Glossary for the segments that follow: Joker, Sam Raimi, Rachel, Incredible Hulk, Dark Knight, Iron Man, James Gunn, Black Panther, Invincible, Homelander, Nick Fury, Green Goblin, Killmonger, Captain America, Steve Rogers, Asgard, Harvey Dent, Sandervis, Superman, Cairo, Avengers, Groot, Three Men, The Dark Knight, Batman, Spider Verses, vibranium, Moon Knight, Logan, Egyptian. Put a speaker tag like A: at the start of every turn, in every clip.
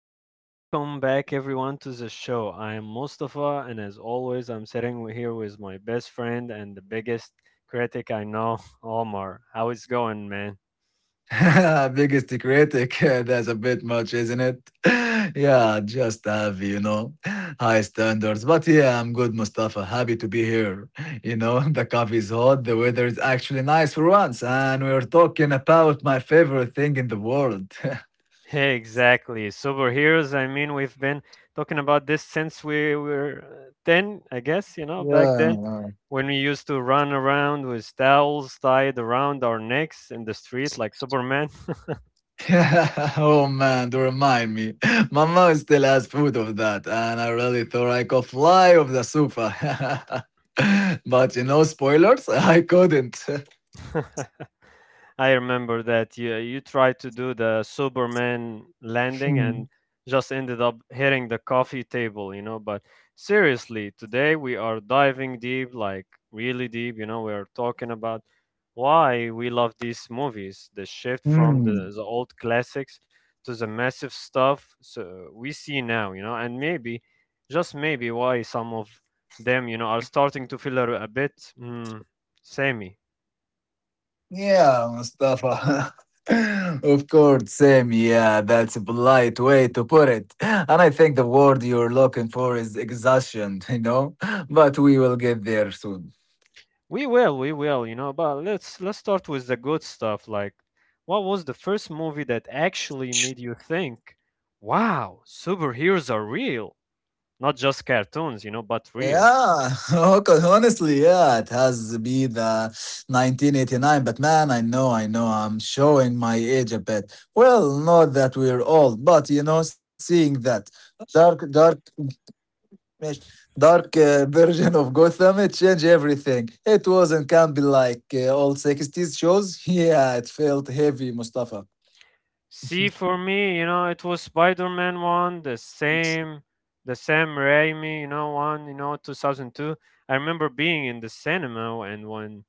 A: hey, welcome back everyone to the show. I am Mustafa, and as always, I'm sitting here with my best friend and the biggest critic I know, Omar. How is going, man?
B: Biggest critic, that's a bit much, isn't it? Yeah, just have, high standards. But yeah, I'm good, Mustafa. Happy to be here. The coffee's hot, the weather is actually nice for once, and we're talking about my favorite thing in the world.
A: Hey, exactly. Superheroes, I mean, we've been talking about this since we were 10, I guess, you know, back then
B: Yeah.
A: when we used to run around with towels tied around our necks in the street like Superman.
B: oh man, do remind me. My mom still has food of that, and I really thought I could fly off the sofa. but spoilers, I couldn't.
A: I remember that you tried to do the Superman landing and just ended up hitting the coffee table, you know. But seriously, today we are diving deep, like really deep, you know. We are talking about why we love these movies, the shift from
B: Hmm.
A: the old classics to the massive stuff so we see now, you know, and maybe just maybe why some of them, you know, are starting to feel a bit samey.
B: Yeah, Mustafa. of course, Sam. Yeah, that's a polite way to put it. And I think the word you're looking for is exhaustion, you know? But we will get there soon.
A: We will, you know, but let's start with the good stuff. Like, what was the first movie that actually made you think, "Wow, superheroes are real, not just cartoons, you know, but real."
B: Yeah, okay, honestly, yeah, it has been the 1989, but man, I know, I'm showing my age a bit. Well, not that we're old, but you know, seeing that dark Yes, Dark version of Gotham, it changed everything. It wasn't can't be like old 60s shows. Yeah, it felt heavy, Mustafa.
A: See, for me, you know, it was Spider-Man one, the same, the Sam Raimi, you know, one, you know, 2002. I remember being in the cinema and when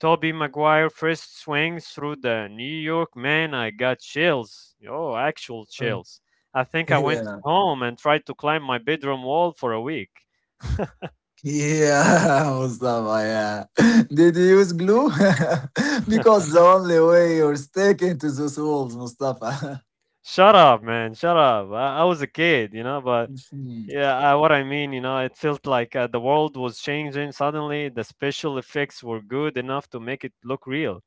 A: Tobey Maguire first swings through the New York man, I got chills. Oh, actual
B: Oh,
A: chills. I think I went
B: yeah,
A: home and tried to climb my bedroom wall for a week.
B: yeah, Mustafa, yeah. Did you use glue? because the only way you're sticking to those walls, Mustafa.
A: Shut up, man. Shut up. I was a kid, you know, but
B: Mhm.
A: yeah, I, what I mean, you know, it felt like the world was changing suddenly. The special effects were good enough to make it look real.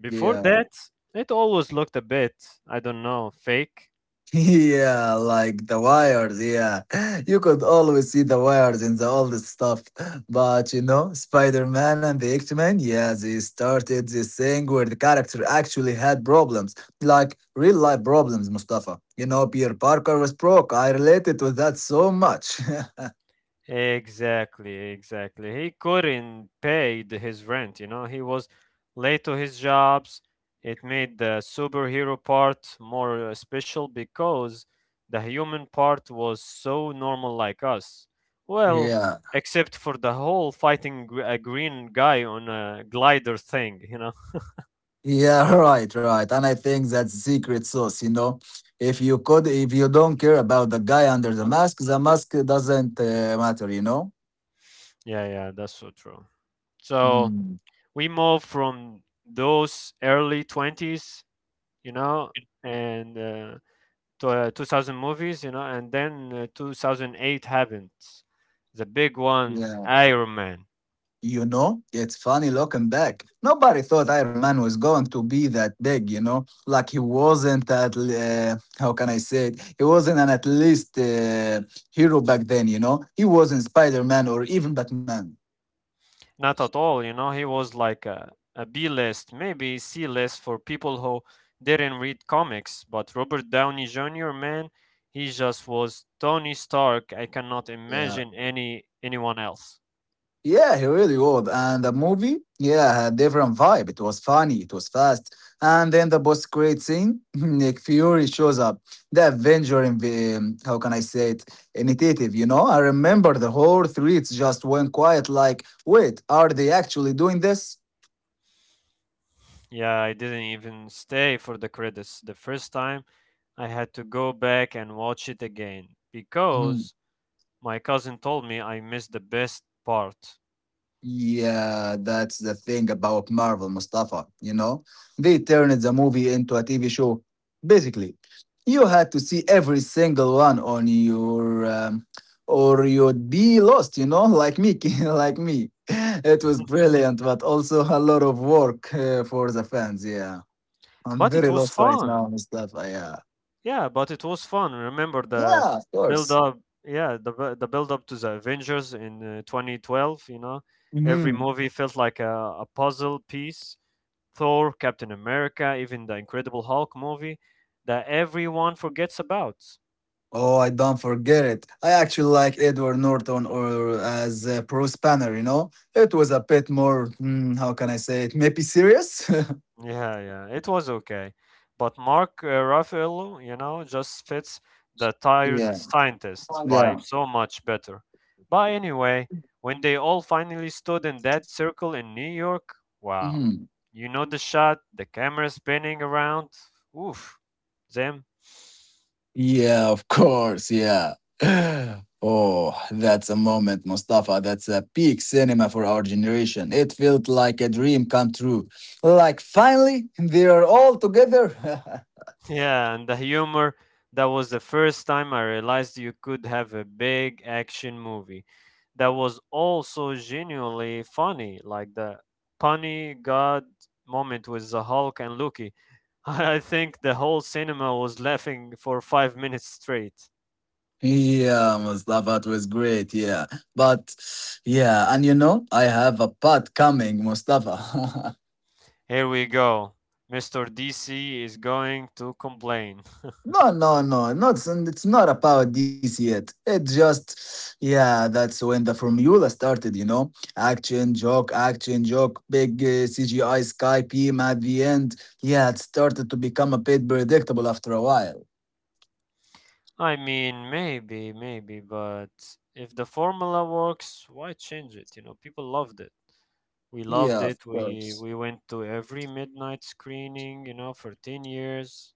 A: Before
B: Yeah.
A: that, it always looked a bit, I don't know, fake.
B: Yeah, like the wires. Yeah, you could always see the wires in the old stuff. But you know, Spider Man and the X Men, yeah, they started this thing where the character actually had problems, like real life problems, Mustafa. You know, Peter Parker was broke. I related to that so much.
A: Exactly, exactly. He couldn't pay his rent, you know. He was late to his jobs. It made the superhero part more special because the human part was so normal like us. Well,
B: Yeah,
A: except for the whole fighting a green guy on a glider thing, you know.
B: yeah, right, right. And I think that's secret sauce, you know. If you don't care about the guy under the mask doesn't matter, you know.
A: Yeah, yeah, that's so true. So
B: Hmm.
A: we move from those early 20s, you know, and to, 2000 movies, you know, and then 2008 happened. The big one,
B: Yeah.
A: Iron Man.
B: You know, it's funny looking back. Nobody thought Iron Man was going to be that big, you know? Like he wasn't at, l- how can I say it? He wasn't an at least hero back then, you know? He wasn't Spider Man or even Batman.
A: Not at all, you know, he was like a B list, maybe C list for people who didn't read comics. But Robert Downey Jr., man, he just was Tony Stark. I cannot
B: Yeah.
A: imagine anyone else.
B: Yeah, he really was. And the movie, yeah, had different vibe. It was funny, it was fast. And then the boss great scene, Nick Fury shows up. The Avenger, in the, how can I say it, initiative, you know? I remember the whole streets just went quiet like, wait, are they actually doing this?
A: Yeah, I didn't even stay for the credits the first time. I had to go back and watch it again
B: Hmm.
A: because my cousin told me I missed the best part.
B: Yeah, that's the thing about Marvel, Mustafa. You know, they turned the movie into a TV show. Basically, you had to see every single one on your, or you'd be lost. You know, like me, like me. It was brilliant, but also a lot of work for the fans. Yeah, I'm
A: But it
B: very
A: was
B: lost right
A: fun.
B: now, Mustafa. Yeah,
A: Yeah, but it was fun. Remember the
B: yeah, of
A: build
B: course.
A: up, yeah, the the build up to the Avengers in 2012, you know. Every
B: Hmm.
A: movie felt like a puzzle piece. Thor, Captain America, even the Incredible Hulk movie that everyone forgets about.
B: Oh, I don't forget it. I actually like Edward Norton or as a pro spanner, you know? It was a bit more, how can I say it, maybe serious?
A: Yeah, yeah, it was okay. But Mark Ruffalo, you know, just fits the tired
B: yeah,
A: scientist vibe
B: yeah.
A: so much better. But anyway, when they all finally stood in that circle in New York, wow.
B: Mhm.
A: You know the shot, the camera spinning around. Oof. Them.
B: Yeah, of course, yeah. Oh, that's a moment, Mustafa. That's a peak cinema for our generation. It felt like a dream come true. Like finally, they are all together.
A: Yeah, and the humor, that was the first time I realized you could have a big action movie that was also genuinely funny, like the punny god moment with the Hulk and Loki. I think the whole cinema was laughing for 5 minutes straight.
B: Yeah, Mustafa, it was great. Yeah. But yeah, and you know, I have a part coming, Mustafa.
A: Here we go. Mr. DC is going to complain.
B: no, no, no, not it's not about this yet. It just yeah, that's when the formula started, you know. Action, joke, big CGI sky beam at the end. Yeah, it started to become a bit predictable after a while.
A: I mean, maybe, maybe, but if the formula works, why change it? You know, people loved it. We
B: Yeah,
A: loved
B: of
A: it. We
B: course.
A: we went to every midnight screening, you know, for 10 years.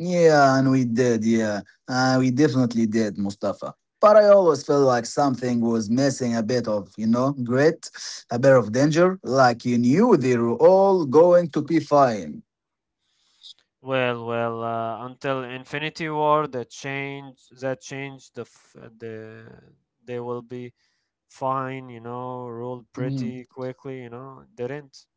B: Yeah, and we did, yeah. We definitely did, Mustafa. But I always felt like something was missing a bit of, you know, grit, a bit of danger, like you knew they were all going to be fine.
A: Well, well, until Infinity War that changed the the they will be fine, you know, ruled
B: Mhm.
A: pretty quickly, you know. Didn't.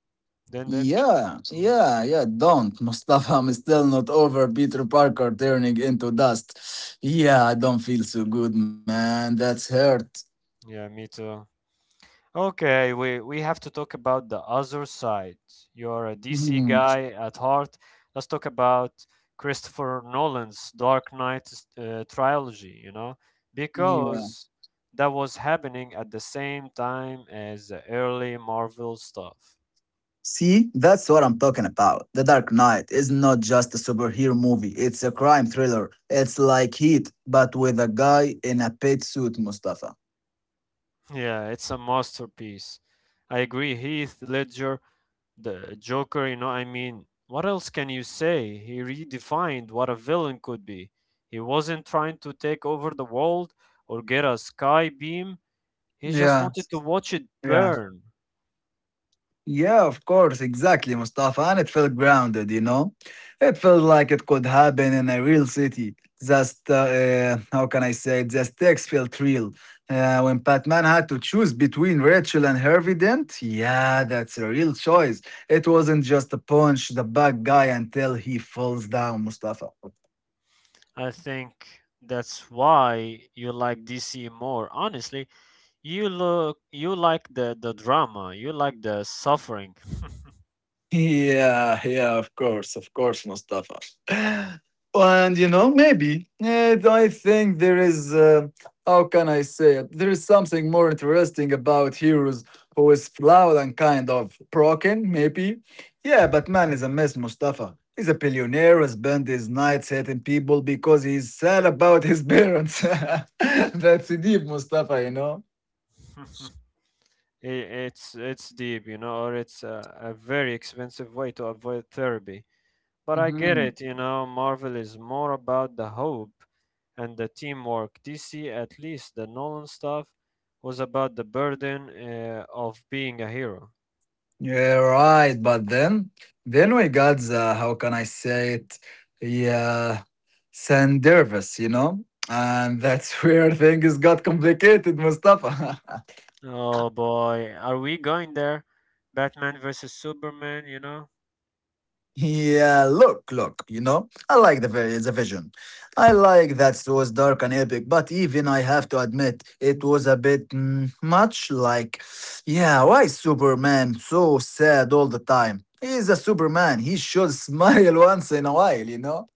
A: Didn't.
B: Yeah,
A: Yeah.
B: yeah, yeah, don't, Mustafa. I'm still not over Peter Parker turning into dust. Yeah, I don't feel so good, man. That's hurt.
A: Yeah, me too. Okay, we have to talk about the other side. You're a DC
B: Mhm.
A: guy at heart. Let's talk about Christopher Nolan's Dark Knight trilogy, you know,
B: Yeah.
A: because that was happening at the same time as the early Marvel stuff.
B: See, that's what I'm talking about. The Dark Knight is not just a superhero movie, it's a crime thriller. It's like Heat, but with a guy in a pet suit, Mustafa.
A: Yeah, it's a masterpiece. I agree. Heath Ledger The Joker, you know, I mean, what else can you say? He redefined what a villain could be. He wasn't trying to take over the world or get a sky beam. He just
B: Yeah,
A: wanted to watch it
B: yeah.
A: burn.
B: Yeah, of course, exactly, Mustafa. And it felt grounded, you know? It felt like it could happen in a real city. Just, how can I say it? Just text felt real. When Batman had to choose between Rachel and Harvey Dent, yeah, that's a real choice. It wasn't just a punch the bad guy until he falls down, Mustafa.
A: I think that's why you like DC more. Honestly, you like the drama. You like the suffering.
B: Yeah, yeah, of course, Mustafa. And you know, maybe I think there is, how can I say it? There is something more interesting about heroes who is flawed and kind of broken, maybe. Yeah, but man is a mess, Mustafa. He's a billionaire who spent his nights hating people because he's sad about his parents. That's deep, Mustafa, you
A: I- it's deep, you know, or it's a very expensive way to avoid therapy. But I get
B: know?
A: it, you know, Marvel is more about the hope and the teamwork. DC, at least the Nolan stuff, was about the burden of being a hero.
B: Yeah, right. But then we got the how can I say it? Yeah, Sandervis, you know, and that's where things got complicated, Mustafa.
A: Oh boy, are we going there? Batman versus Superman, you know?
B: yeah, look, look, you know, I like the vision. I like that it was dark and epic, but even I have to admit it was a bit much. Like, yeah, why is Superman so sad all the time? He's a Superman. He should smile once in a while, you know.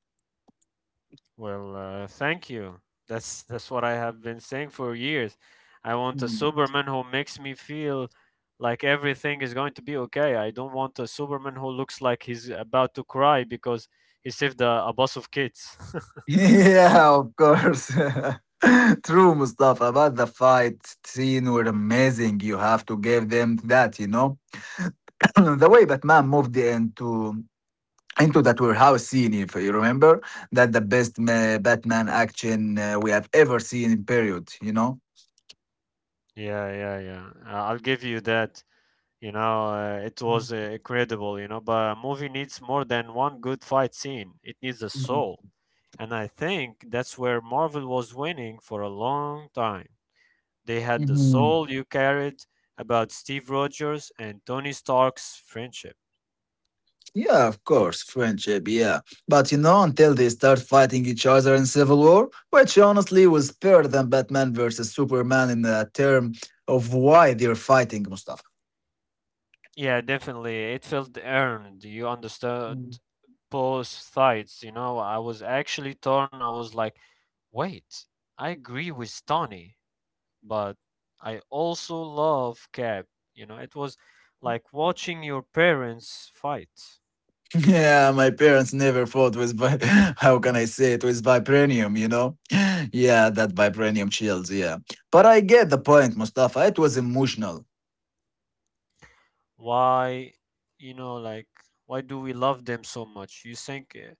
A: Well, thank you. That's what I have been saying for years. I want a
B: Mm.
A: Superman who makes me feel like everything is going to be okay. I don't want a Superman who looks like he's about to cry because he saved a bus of kids.
B: Yeah, of course. True, Mustafa. But the fight scene were amazing. You have to give them that, you know. the way Batman moved into that warehouse scene, if you remember, that the best Batman action we have ever seen in period, you know.
A: Yeah, yeah, yeah. I'll give you that. You know, it was incredible, you know, but a movie needs more than one good fight scene. It needs a soul. And I think that's where Marvel was winning for a long time. They had the
B: Mhm.
A: soul you carried about Steve Rogers and Tony Stark's friendship.
B: Yeah, of course, friendship, yeah. But you know, until they start fighting each other in Civil War, which honestly was better than Batman versus Superman in the term of why they're fighting, Mustafa.
A: Yeah, definitely. It felt earned. You understood
B: Mm.
A: both sides. You know, I was actually torn. I was like, wait, I agree with Tony, but I also love Cap. You know, it was like watching your parents fight.
B: Yeah, my parents never fought with how can I say it with vibranium, you know? Yeah, that vibranium chills, yeah. But I get the point, Mustafa. It was emotional.
A: Why, you know, like, why do we love them so much? You think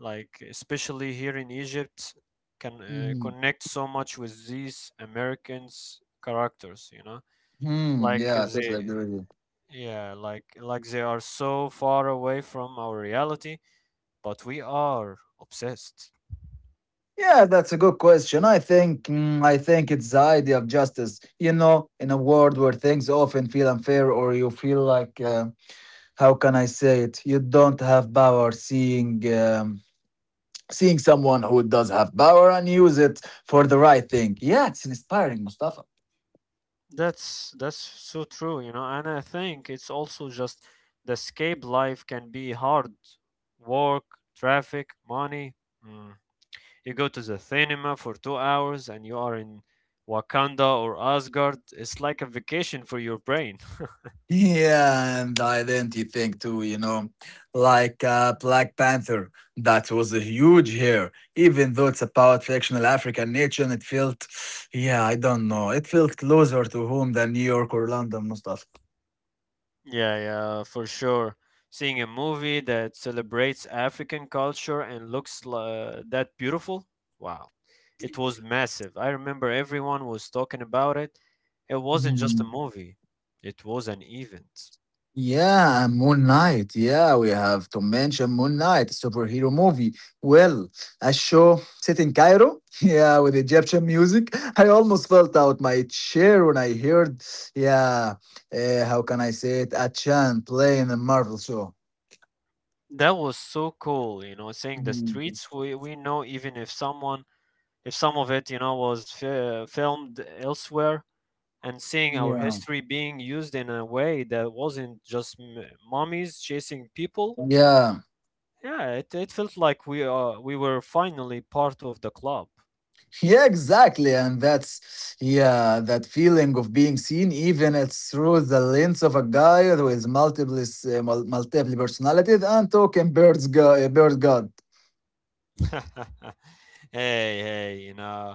A: like especially here in Egypt, can
B: Mhm.
A: connect so much with these Americans characters, you know,
B: Hmm,
A: like
B: yeah, totally
A: they,
B: agree.
A: yeah, like they are so far away from our reality, but we are obsessed.
B: Yeah, that's a good question. I think I think it's the idea of justice. You know, in a world where things often feel unfair, or you feel like how can I say it? You don't have power. Seeing someone who does have power and use it for the right thing. Yeah, it's inspiring, Mustafa.
A: That's so true, you know, and I think it's also just the escape life can be hard, work, traffic, money. You go to the cinema for 2 hours and you are in Wakanda or Asgard. It's like a vacation for your brain.
B: Yeah, and identity thing too, you know, like Black Panther, that was a huge here. Even though it's about fictional African nature, and it felt, yeah, I don't know, it felt closer to home than New York or London, Mustafa.
A: Yeah, yeah, for sure. Seeing a movie that celebrates African culture and looks that beautiful, wow. It was massive. I remember everyone was talking about it. It wasn't just a movie, it was an event.
B: Yeah, and Moon Knight. Yeah, we have to mention Moon Knight, a superhero movie. Well, a show set in Cairo. Yeah, with Egyptian music. I almost fell out my chair when I heard, yeah, how can I say it? A chant playing a Marvel show.
A: That was so cool, you know, seeing the
B: Mhm.
A: streets we know, even if someone if some of it, you know, was filmed elsewhere, and seeing our
B: Yeah.
A: history being used in a way that wasn't just mummies chasing people.
B: Yeah.
A: Yeah, it felt like we were finally part of the club.
B: Yeah, exactly. And that's, yeah, that feeling of being seen, even it's through the lens of a guy with multiple personalities and talking bird god.
A: Hey, hey, you know,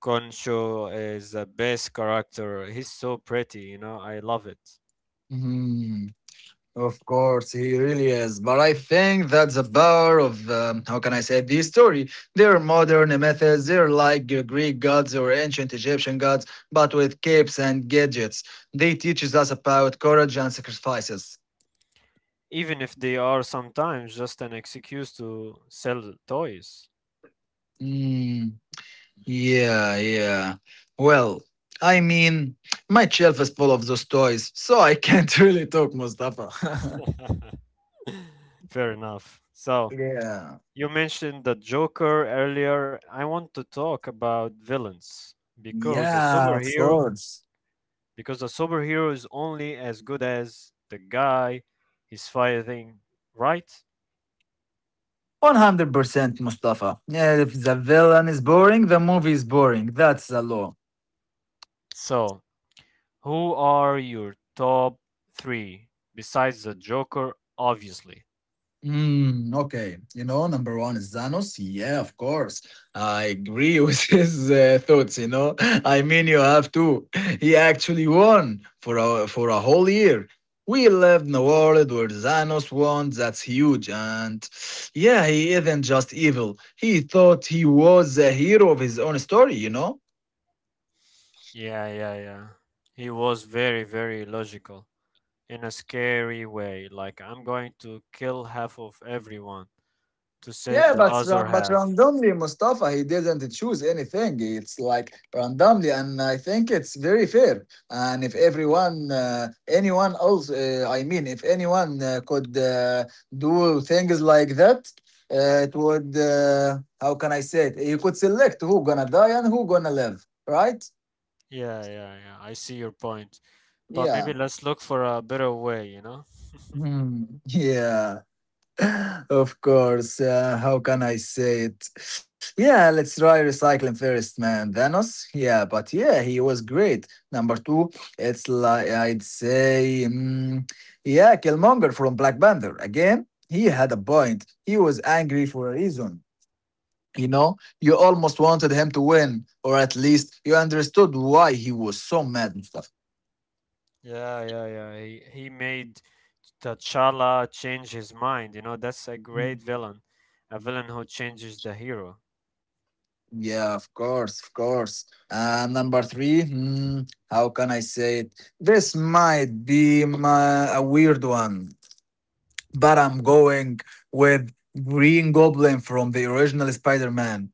A: Concho is the best character. He's so pretty, you know, I love it.
B: Hmm, of course, he really is. But I think that's the power of, how can I say, this story. They're modern methods, they're like Greek gods or ancient Egyptian gods, but with capes and gadgets. They teaches us about courage and sacrifices.
A: Even if they are sometimes just an excuse to sell toys.
B: Mm. Yeah, yeah. Well, I mean, my shelf is full of those toys, so I can't really talk, Mustafa.
A: Fair enough. So,
B: yeah.
A: you mentioned the Joker earlier. I want to talk about villains because a
B: Yeah, of
A: superhero
B: course.
A: because a superhero is only as good as the guy he's fighting, right?
B: 100% Mustafa. Yeah, if the villain is boring, the movie is boring. That's the law.
A: So, who are your top 3 besides the Joker obviously?
B: Mm, okay. You know, number one is Zanos. Yeah, of course. I agree with his thoughts, you know. I mean, you have to. He actually won for for a whole year. We lived in a world where Zanos won. That's huge. And yeah, he isn't just evil. He thought he was a hero of his own story, you know?
A: Yeah, yeah, yeah. He was very logical in a scary way like I'm going to kill half of everyone to save
B: Yeah,
A: the
B: but
A: other
B: but
A: half.
B: randomly, Mustafa, he didn't choose anything. It's like randomly, and I think it's very fair. And if everyone, anyone else, I mean, if anyone could do things like that, uh, it would. How can I say it? You could select who gonna die and who gonna live, right?
A: Yeah, yeah, yeah. I see your point. But maybe
B: Yeah.
A: let's look for a better way, you know?
B: Hmm. Yeah. Of course, how can I say it? Yeah, let's try recycling first, man. Thanos, yeah, but yeah, he was great. Number two, it's like I'd say, yeah, Killmonger from Black Panther. Again, he had a point. He was angry for a reason. You know, you almost wanted him to win, or at least you understood why he was so mad and stuff.
A: Yeah, yeah, yeah. He made T'Challa change his mind, you know? That's a great villain. A villain who changes the hero.
B: Yeah, of course, of course. And number three, how can I say it? This might be a weird one, but I'm going with Green Goblin from the original Spider-Man.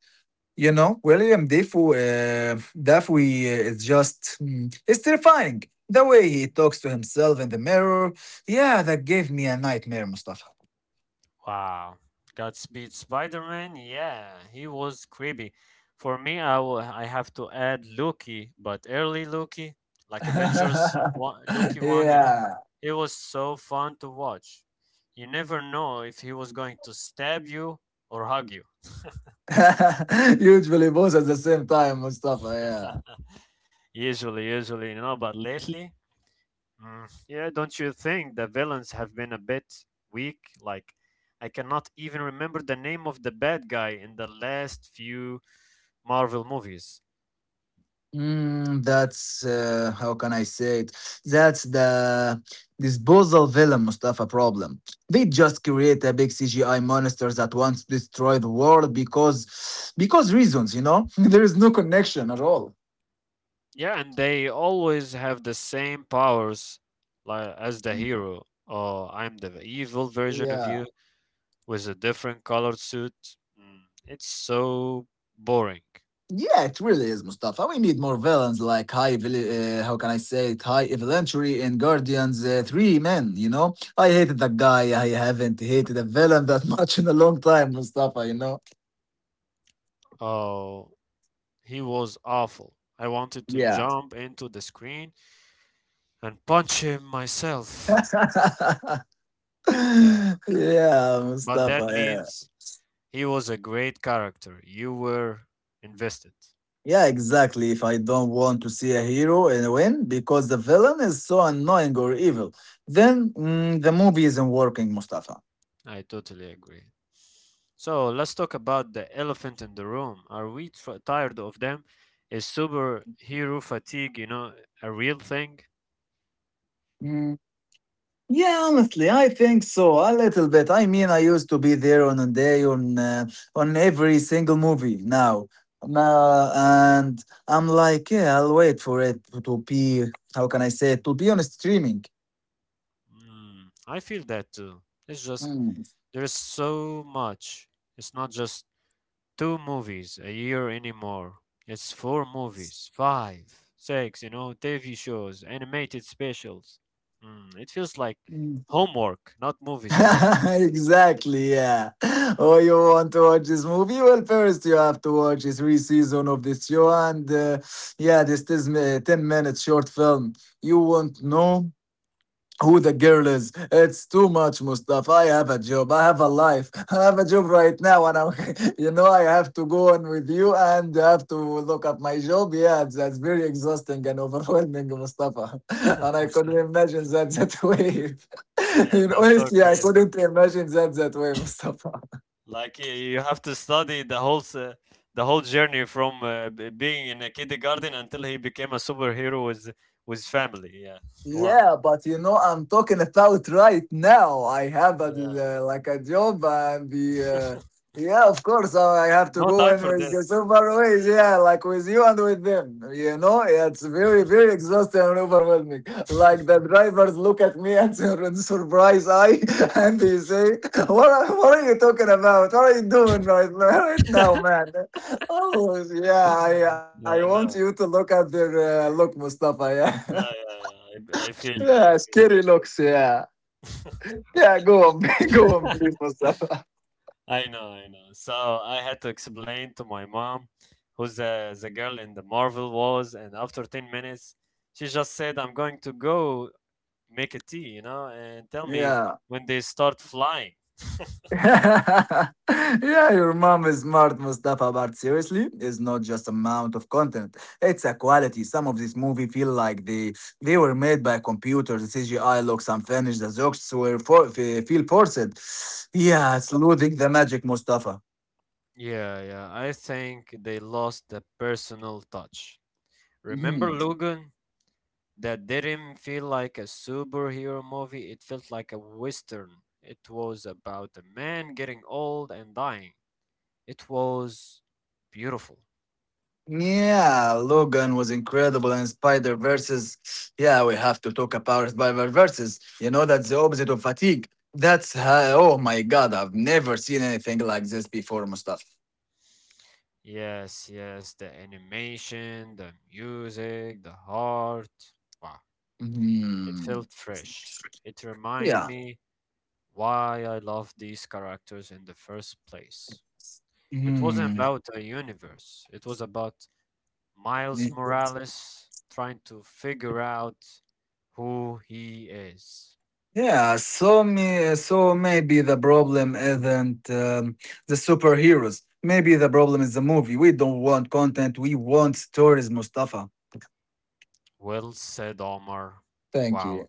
B: You know, Dafoe is just, it's terrifying. The way he talks to himself in the mirror, yeah, that gave me a nightmare, Mustafa.
A: Wow. Godspeed Spider-Man? Yeah, he was creepy. For me, I have to add Loki, but early Loki, like Avengers one, Loki 1, you know,
B: yeah.
A: it was so fun to watch. You never know if he was going to stab you or hug you.
B: Usually both at the same time, Mustafa. Yeah.
A: Usually, usually, you know, but lately, yeah, don't you think the villains have been a bit weak? Like, I cannot even remember the name of the bad guy in the last few Marvel movies.
B: That's how can I say it? That's the disposal villain Mustafa problem. They just create a big CGI monster that wants to destroy the world because reasons, you know? there is no connection at all.
A: Yeah, and they always have the same powers like as the hero. Oh, I'm the evil version of
B: Yeah.
A: you with a different colored suit. Mm, it's so boring.
B: Yeah, it really is, Mustafa. We need more villains like how can I say it, high eventually in Guardians Three Men. You know, I hated that guy. I haven't hated a villain that much in a long time, Mustafa. You know.
A: Oh, he was awful. I wanted to
B: Yeah.
A: jump into the screen and punch him myself. Yeah,
B: yeah,
A: but
B: Mustafa.
A: that
B: Yeah.
A: means he was a great character. You were invested.
B: Yeah, exactly. If I don't want to see a hero and win because the villain is so annoying or evil, then the movie isn't working, Mustafa.
A: I totally agree. So let's talk about the elephant in the room. Are we tired of them? Is superhero fatigue, you know, a real thing?
B: Mm. Yeah, honestly, I think so. A little bit. I mean, I used to be there on a day on every single movie now. Now, and I'm like, yeah, I'll wait for it to be, how can I say it, to be on streaming.
A: Mm, I feel that too. It's just
B: Mm.
A: there is so much. It's not just two movies a year anymore. It's four movies, five, six, you know, TV shows, animated specials. Mm, it feels like
B: Mm.
A: homework, not movies at all.
B: Exactly, yeah. Oh, you want to watch this movie? Well, first you have to watch three season of this show, and yeah, this is a 10 minutes short film. You won't know who the girl is. It's too much, Mustafa. I have a job. I have a life. I have a job right now, you know, I have to go on with you and have to look up my job. Yeah, that's very exhausting and overwhelming, Mustafa. And I couldn't imagine that that way.
A: Yeah,
B: You know,
A: that's so
B: honestly, I
A: crazy.
B: couldn't imagine that that way, Mustafa.
A: Like y- you have to study the whole journey from being in a kindergarten until he became a superhero with family. Yeah. Wow.
B: Yeah, but you know, I'm talking about right now. I have a
A: Yeah.
B: l- like a job and the yeah, of course, I have to
A: No
B: go
A: time
B: in
A: for
B: with the
A: this.
B: super ways. Yeah, like with you and with them. You know, it's very exhausting and overwhelming. Like the drivers look at me and sur- and surprise eye, and they say, " what are you talking about? What are you doing right now, man?" Oh yeah, I I
A: I
B: want you to
A: know.
B: look at their look, Mustafa. Yeah.
A: Yeah, yeah, yeah. I feel you. I
B: Yeah,
A: feel you.
B: scary looks. Yeah, yeah. Go on, go on, please, Mustafa.
A: I know, I know. So I had to explain to my mom who's the girl in the Marvel was, and after 10 minutes, she just said, "I'm going to go make a tea, and tell me
B: Yeah,
A: when they start flying."
B: yeah. Your mom is smart, Mustafa. But seriously, it's not just amount of content; it's a quality. Some of these movie feel like they were made by computers. The CGI looks unfinished. The jokes were feel forced. Yeah, it's losing the magic, Mustafa.
A: Yeah, yeah, I think they lost the personal touch. Remember
B: Mhm.
A: Logan? That didn't feel like a superhero movie, it felt like a western. It was about a man getting old and dying. It was beautiful.
B: Yeah, Logan was incredible and Spider Verses. Yeah, we have to talk about Spider Verses. You know, that's the opposite of fatigue. That's how, oh my god, I've never seen anything like this before, Mustafa.
A: Yes, yes, the animation, the music, the heart. Wow, it
B: Hmm.
A: felt fresh. It
B: Yeah.
A: reminded me why I loved these characters in the first place. It wasn't
B: Hmm.
A: about a universe, it was about Miles
B: Y-
A: Morales trying to figure out who he is.
B: Yeah. So me. So maybe the problem isn't the superheroes. Maybe the problem is the movie. We don't want content. We want stories, Mustafa.
A: Well said, Omar.
B: Thank
A: Wow,
B: you.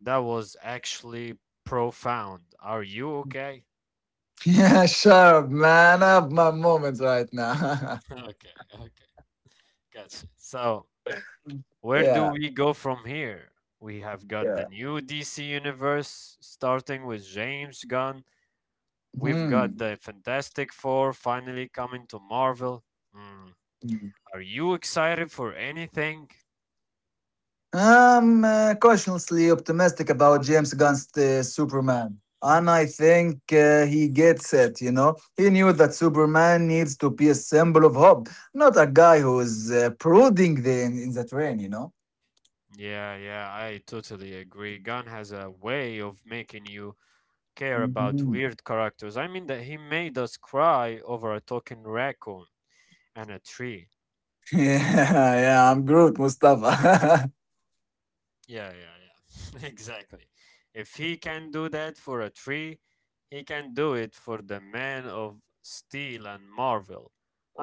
A: that was actually profound. Are you okay?
B: Yeah, sure, man. I have my moments right now.
A: Okay, okay, gotcha. So, where do
B: yeah,
A: we go from here? We have got the
B: yeah.
A: new DC universe, starting with James Gunn. We've
B: Hmm.
A: got the Fantastic Four finally coming to Marvel. Mm,
B: Hmm.
A: are you excited for anything?
B: I'm cautiously optimistic about James Gunn's Superman. And I think he gets it, you know? He knew that Superman needs to be a symbol of hope, not a guy who is prodding in the train, you know?
A: Yeah, yeah, I totally agree. Gunn has a way of making you care about
B: Mhm.
A: weird characters. I mean that he made us cry over a talking raccoon and a tree.
B: Yeah, yeah, I'm
A: Mm,
B: Groot, Mustafa.
A: yeah, yeah, yeah. Exactly. If he can do that for a tree, he can do it for the Man of Steel and Marvel.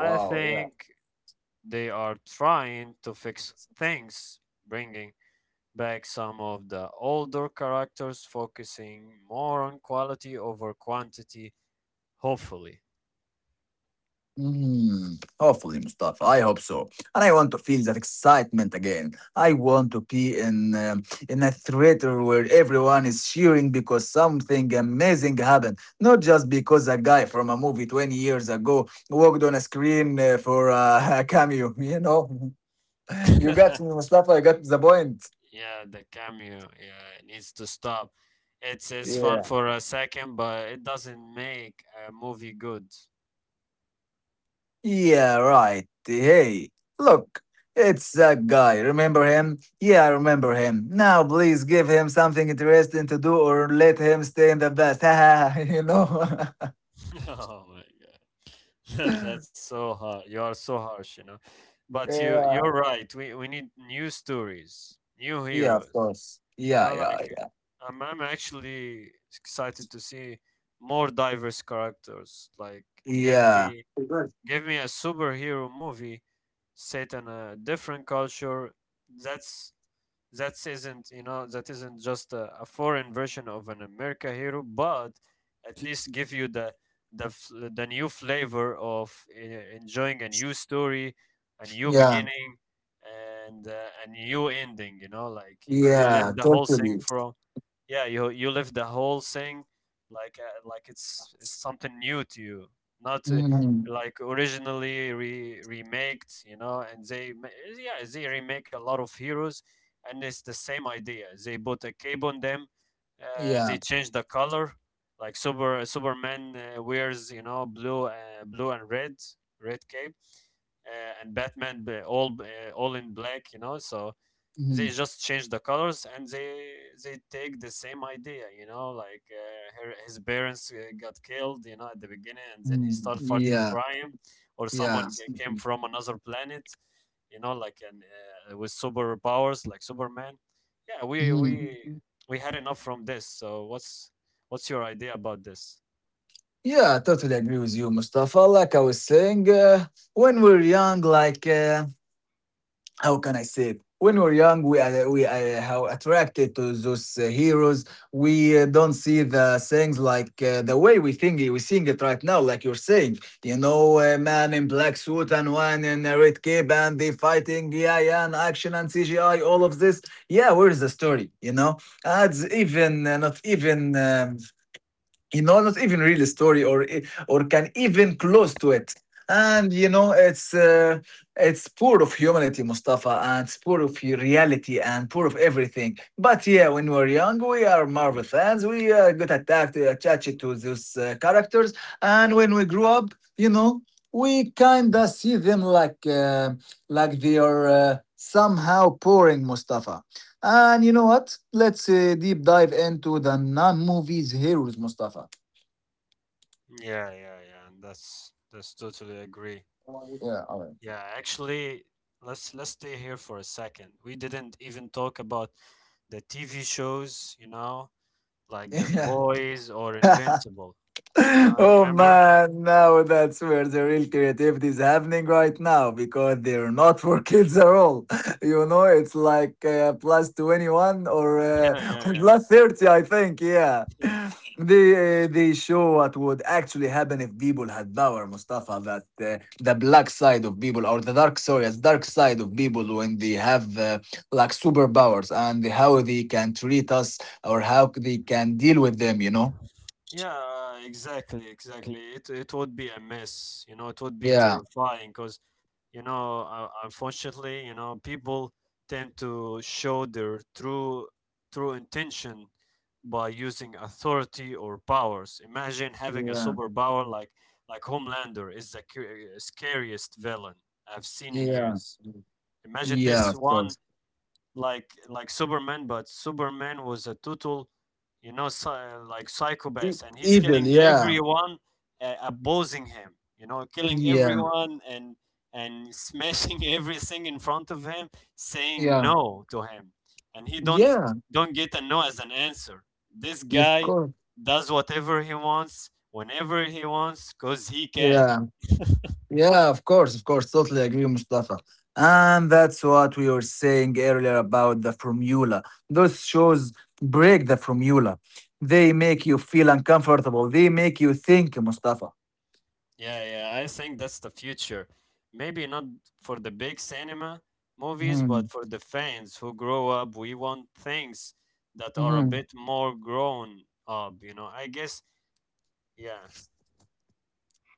B: wow, yeah.
A: think they are trying to fix things, bringing back some of the older characters, focusing more on quality over quantity, hopefully.
B: Mm, hopefully, Mustafa. I hope so. And I want to feel that excitement again. I want to be in a theater where everyone is cheering because something amazing happened, not just because a guy from a movie 20 years ago walked on a screen for a cameo. You know, you got me, Mustafa. I got the point.
A: Yeah, the cameo, yeah, it needs to stop. It's fun
B: Yeah.
A: for a second, but it doesn't make a movie good.
B: Yeah, right. Hey, look, it's that guy. Remember him? Yeah, I remember him. Now, please give him something interesting to do or let him stay in the best. you know?
A: Oh my god. That's so hard. You are so harsh, you know. But you
B: yeah.
A: you're right. We need new stories, new
B: Yeah, of
A: heroes.
B: course.
A: You
B: Yeah,
A: know,
B: yeah,
A: like
B: yeah.
A: I'm actually excited to see more diverse characters. Like give
B: Yeah.
A: me
B: Right.
A: give me a superhero movie set in a different culture. That's that isn't, you know, that isn't just a foreign version of an America hero, but at least give you the the new flavor of enjoying a new story, a new
B: Yeah,
A: beginning, and a new ending. You know, like you live
B: yeah,
A: the whole thing
B: totally.
A: from yeah you live the whole thing like it's something new to you, not.
B: Mhm.
A: Like originally remaked, you know, yeah they remake a lot of heroes and it's the same idea. They put a cape on them.
B: Yeah.
A: They change the color, like Superman wears, you know, blue, blue and red, red cape, and Batman all in black, you know. So they
B: Mhm.
A: just change the colors and they take the same idea, you know, like his parents got killed, you know, at the beginning and then he
B: Mhm.
A: started fighting
B: Yeah,
A: crime, or
B: yeah.
A: someone came from another planet, you know, like, and with superpowers like superman. Yeah we
B: Mhm.
A: we had enough from this. So what's your idea about this?
B: Yeah, I totally agree with you, Mustafa. Like I was saying, when we're young, like. How can I say it? When we're young, we are how attracted to those heroes. We don't see the things like the way we seeing it right now, like you're saying. You know, a man in black suit and one in a red cape, and they fighting, yeah, yeah, and action and CGI, all of this. Yeah, where is the story? You know, it's even not even. You know not even real story or can even close to it, and you know it's poor of humanity, Mustafa, and it's poor of your reality and poor of everything. But yeah, when we're young, we are Marvel fans. We get attacked attached to those characters, and when we grow up, you know, we kinda see them like they are somehow pouring, Mustafa. And you know what, let's deep dive into the non-movies heroes, Mustafa.
A: Yeah yeah yeah, that's totally agree.
B: Yeah, all right.
A: Yeah, actually, let's stay here for a second. We didn't even talk about the TV shows, you know, like The
B: Yeah.
A: Boys or Invincible. You know, I
B: Oh
A: remember.
B: man, now that's where the real creativity is happening right now because they're not for kids at all. You know, it's like plus 21 or
A: Yeah, yeah,
B: plus 30, I think. Yeah.
A: yeah.
B: They show what would actually happen if people had power, Mustafa, that the black side of people or the dark, sorry, the dark side of people when they have like superpowers, and how they can treat us or how they can deal with them, you know?
A: Yeah, exactly, exactly. It would be a mess, you know, it would be
B: Yeah.
A: terrifying because, you know, unfortunately, you know, people tend to show their true true intention by using authority or powers. Imagine having a superpower like Homelander is the scariest villain I've seen in
B: Yeah.
A: years. Imagine
B: Yeah,
A: this
B: of course.
A: one like Superman, but Superman was a total, you know, like
B: E-
A: psychopath, and he's
B: Evil,
A: killing
B: yeah.
A: everyone opposing him. You know, killing
B: Yeah.
A: everyone and smashing everything in front of him, saying
B: Yeah.
A: no to him, and he
B: Yeah.
A: don't get a no as an answer. This
B: Of
A: guy
B: course.
A: does whatever he wants, whenever he wants, cause he can.
B: Yeah. Yeah, of course, of course. Totally agree, Mustafa. And that's what we were saying earlier about the formula. Those shows break the formula. They make you feel uncomfortable. They make you think, Mustafa.
A: Yeah, yeah, I think that's the future. Maybe not for the big cinema movies, but
B: Mhm.
A: for the fans who grow up, we want things that are a
B: Mhm.
A: bit more grown up, you know. I guess, yeah.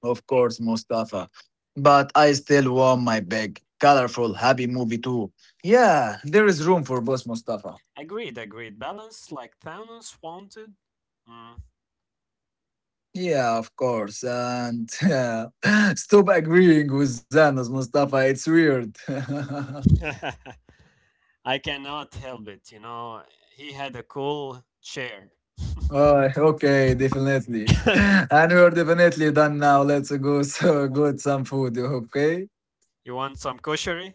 B: Of course, Mustafa. But I still want my big, colorful, happy movie too. Yeah, there is room for both, Mustafa.
A: Agreed, agreed. Balance like Thanos wanted.
B: Yeah, of course. And yeah, stop agreeing with Zanos, Mustafa. It's weird. oh,
A: Mm. I cannot help it, you know. He had a cool chair.
B: okay, definitely. And we're definitely done now. Let's go so get some food, okay?
A: You want some cushery?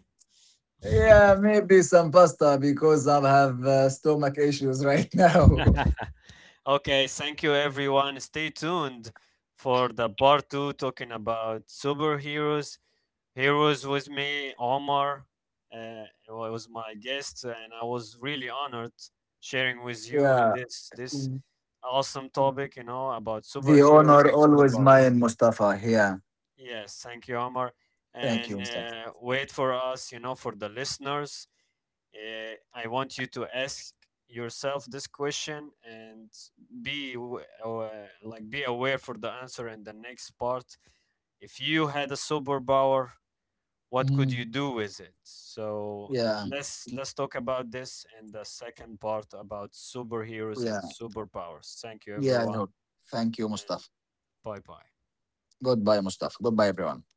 B: Yeah, maybe some pasta because I have stomach issues right now.
A: Okay, thank you everyone. Stay tuned for the part two talking about superheroes. Heroes with me, Omar. Was my guest, and I was really honored sharing with you
B: yeah.
A: this awesome topic, you know, about
B: The
A: superheroes
B: honor
A: and
B: always
A: superpowers.
B: mine, Mustafa. Yeah.
A: Yes, thank you, Omar.
B: Thank
A: And
B: you, Mustafa.
A: wait for us, you know, for the listeners. I want you to ask yourself this question and be w- uh, like be aware for the answer in the next part. If you had a superpower, what could you
B: Mm.
A: do with it? So
B: Yeah.
A: let's talk about this in the second part about superheroes and
B: Yeah.
A: superpowers. Thank you,
B: Yeah. I
A: everyone,
B: hope. Thank you,
A: and
B: Mustafa.
A: bye bye.
B: Goodbye, Mustafa. Goodbye, everyone.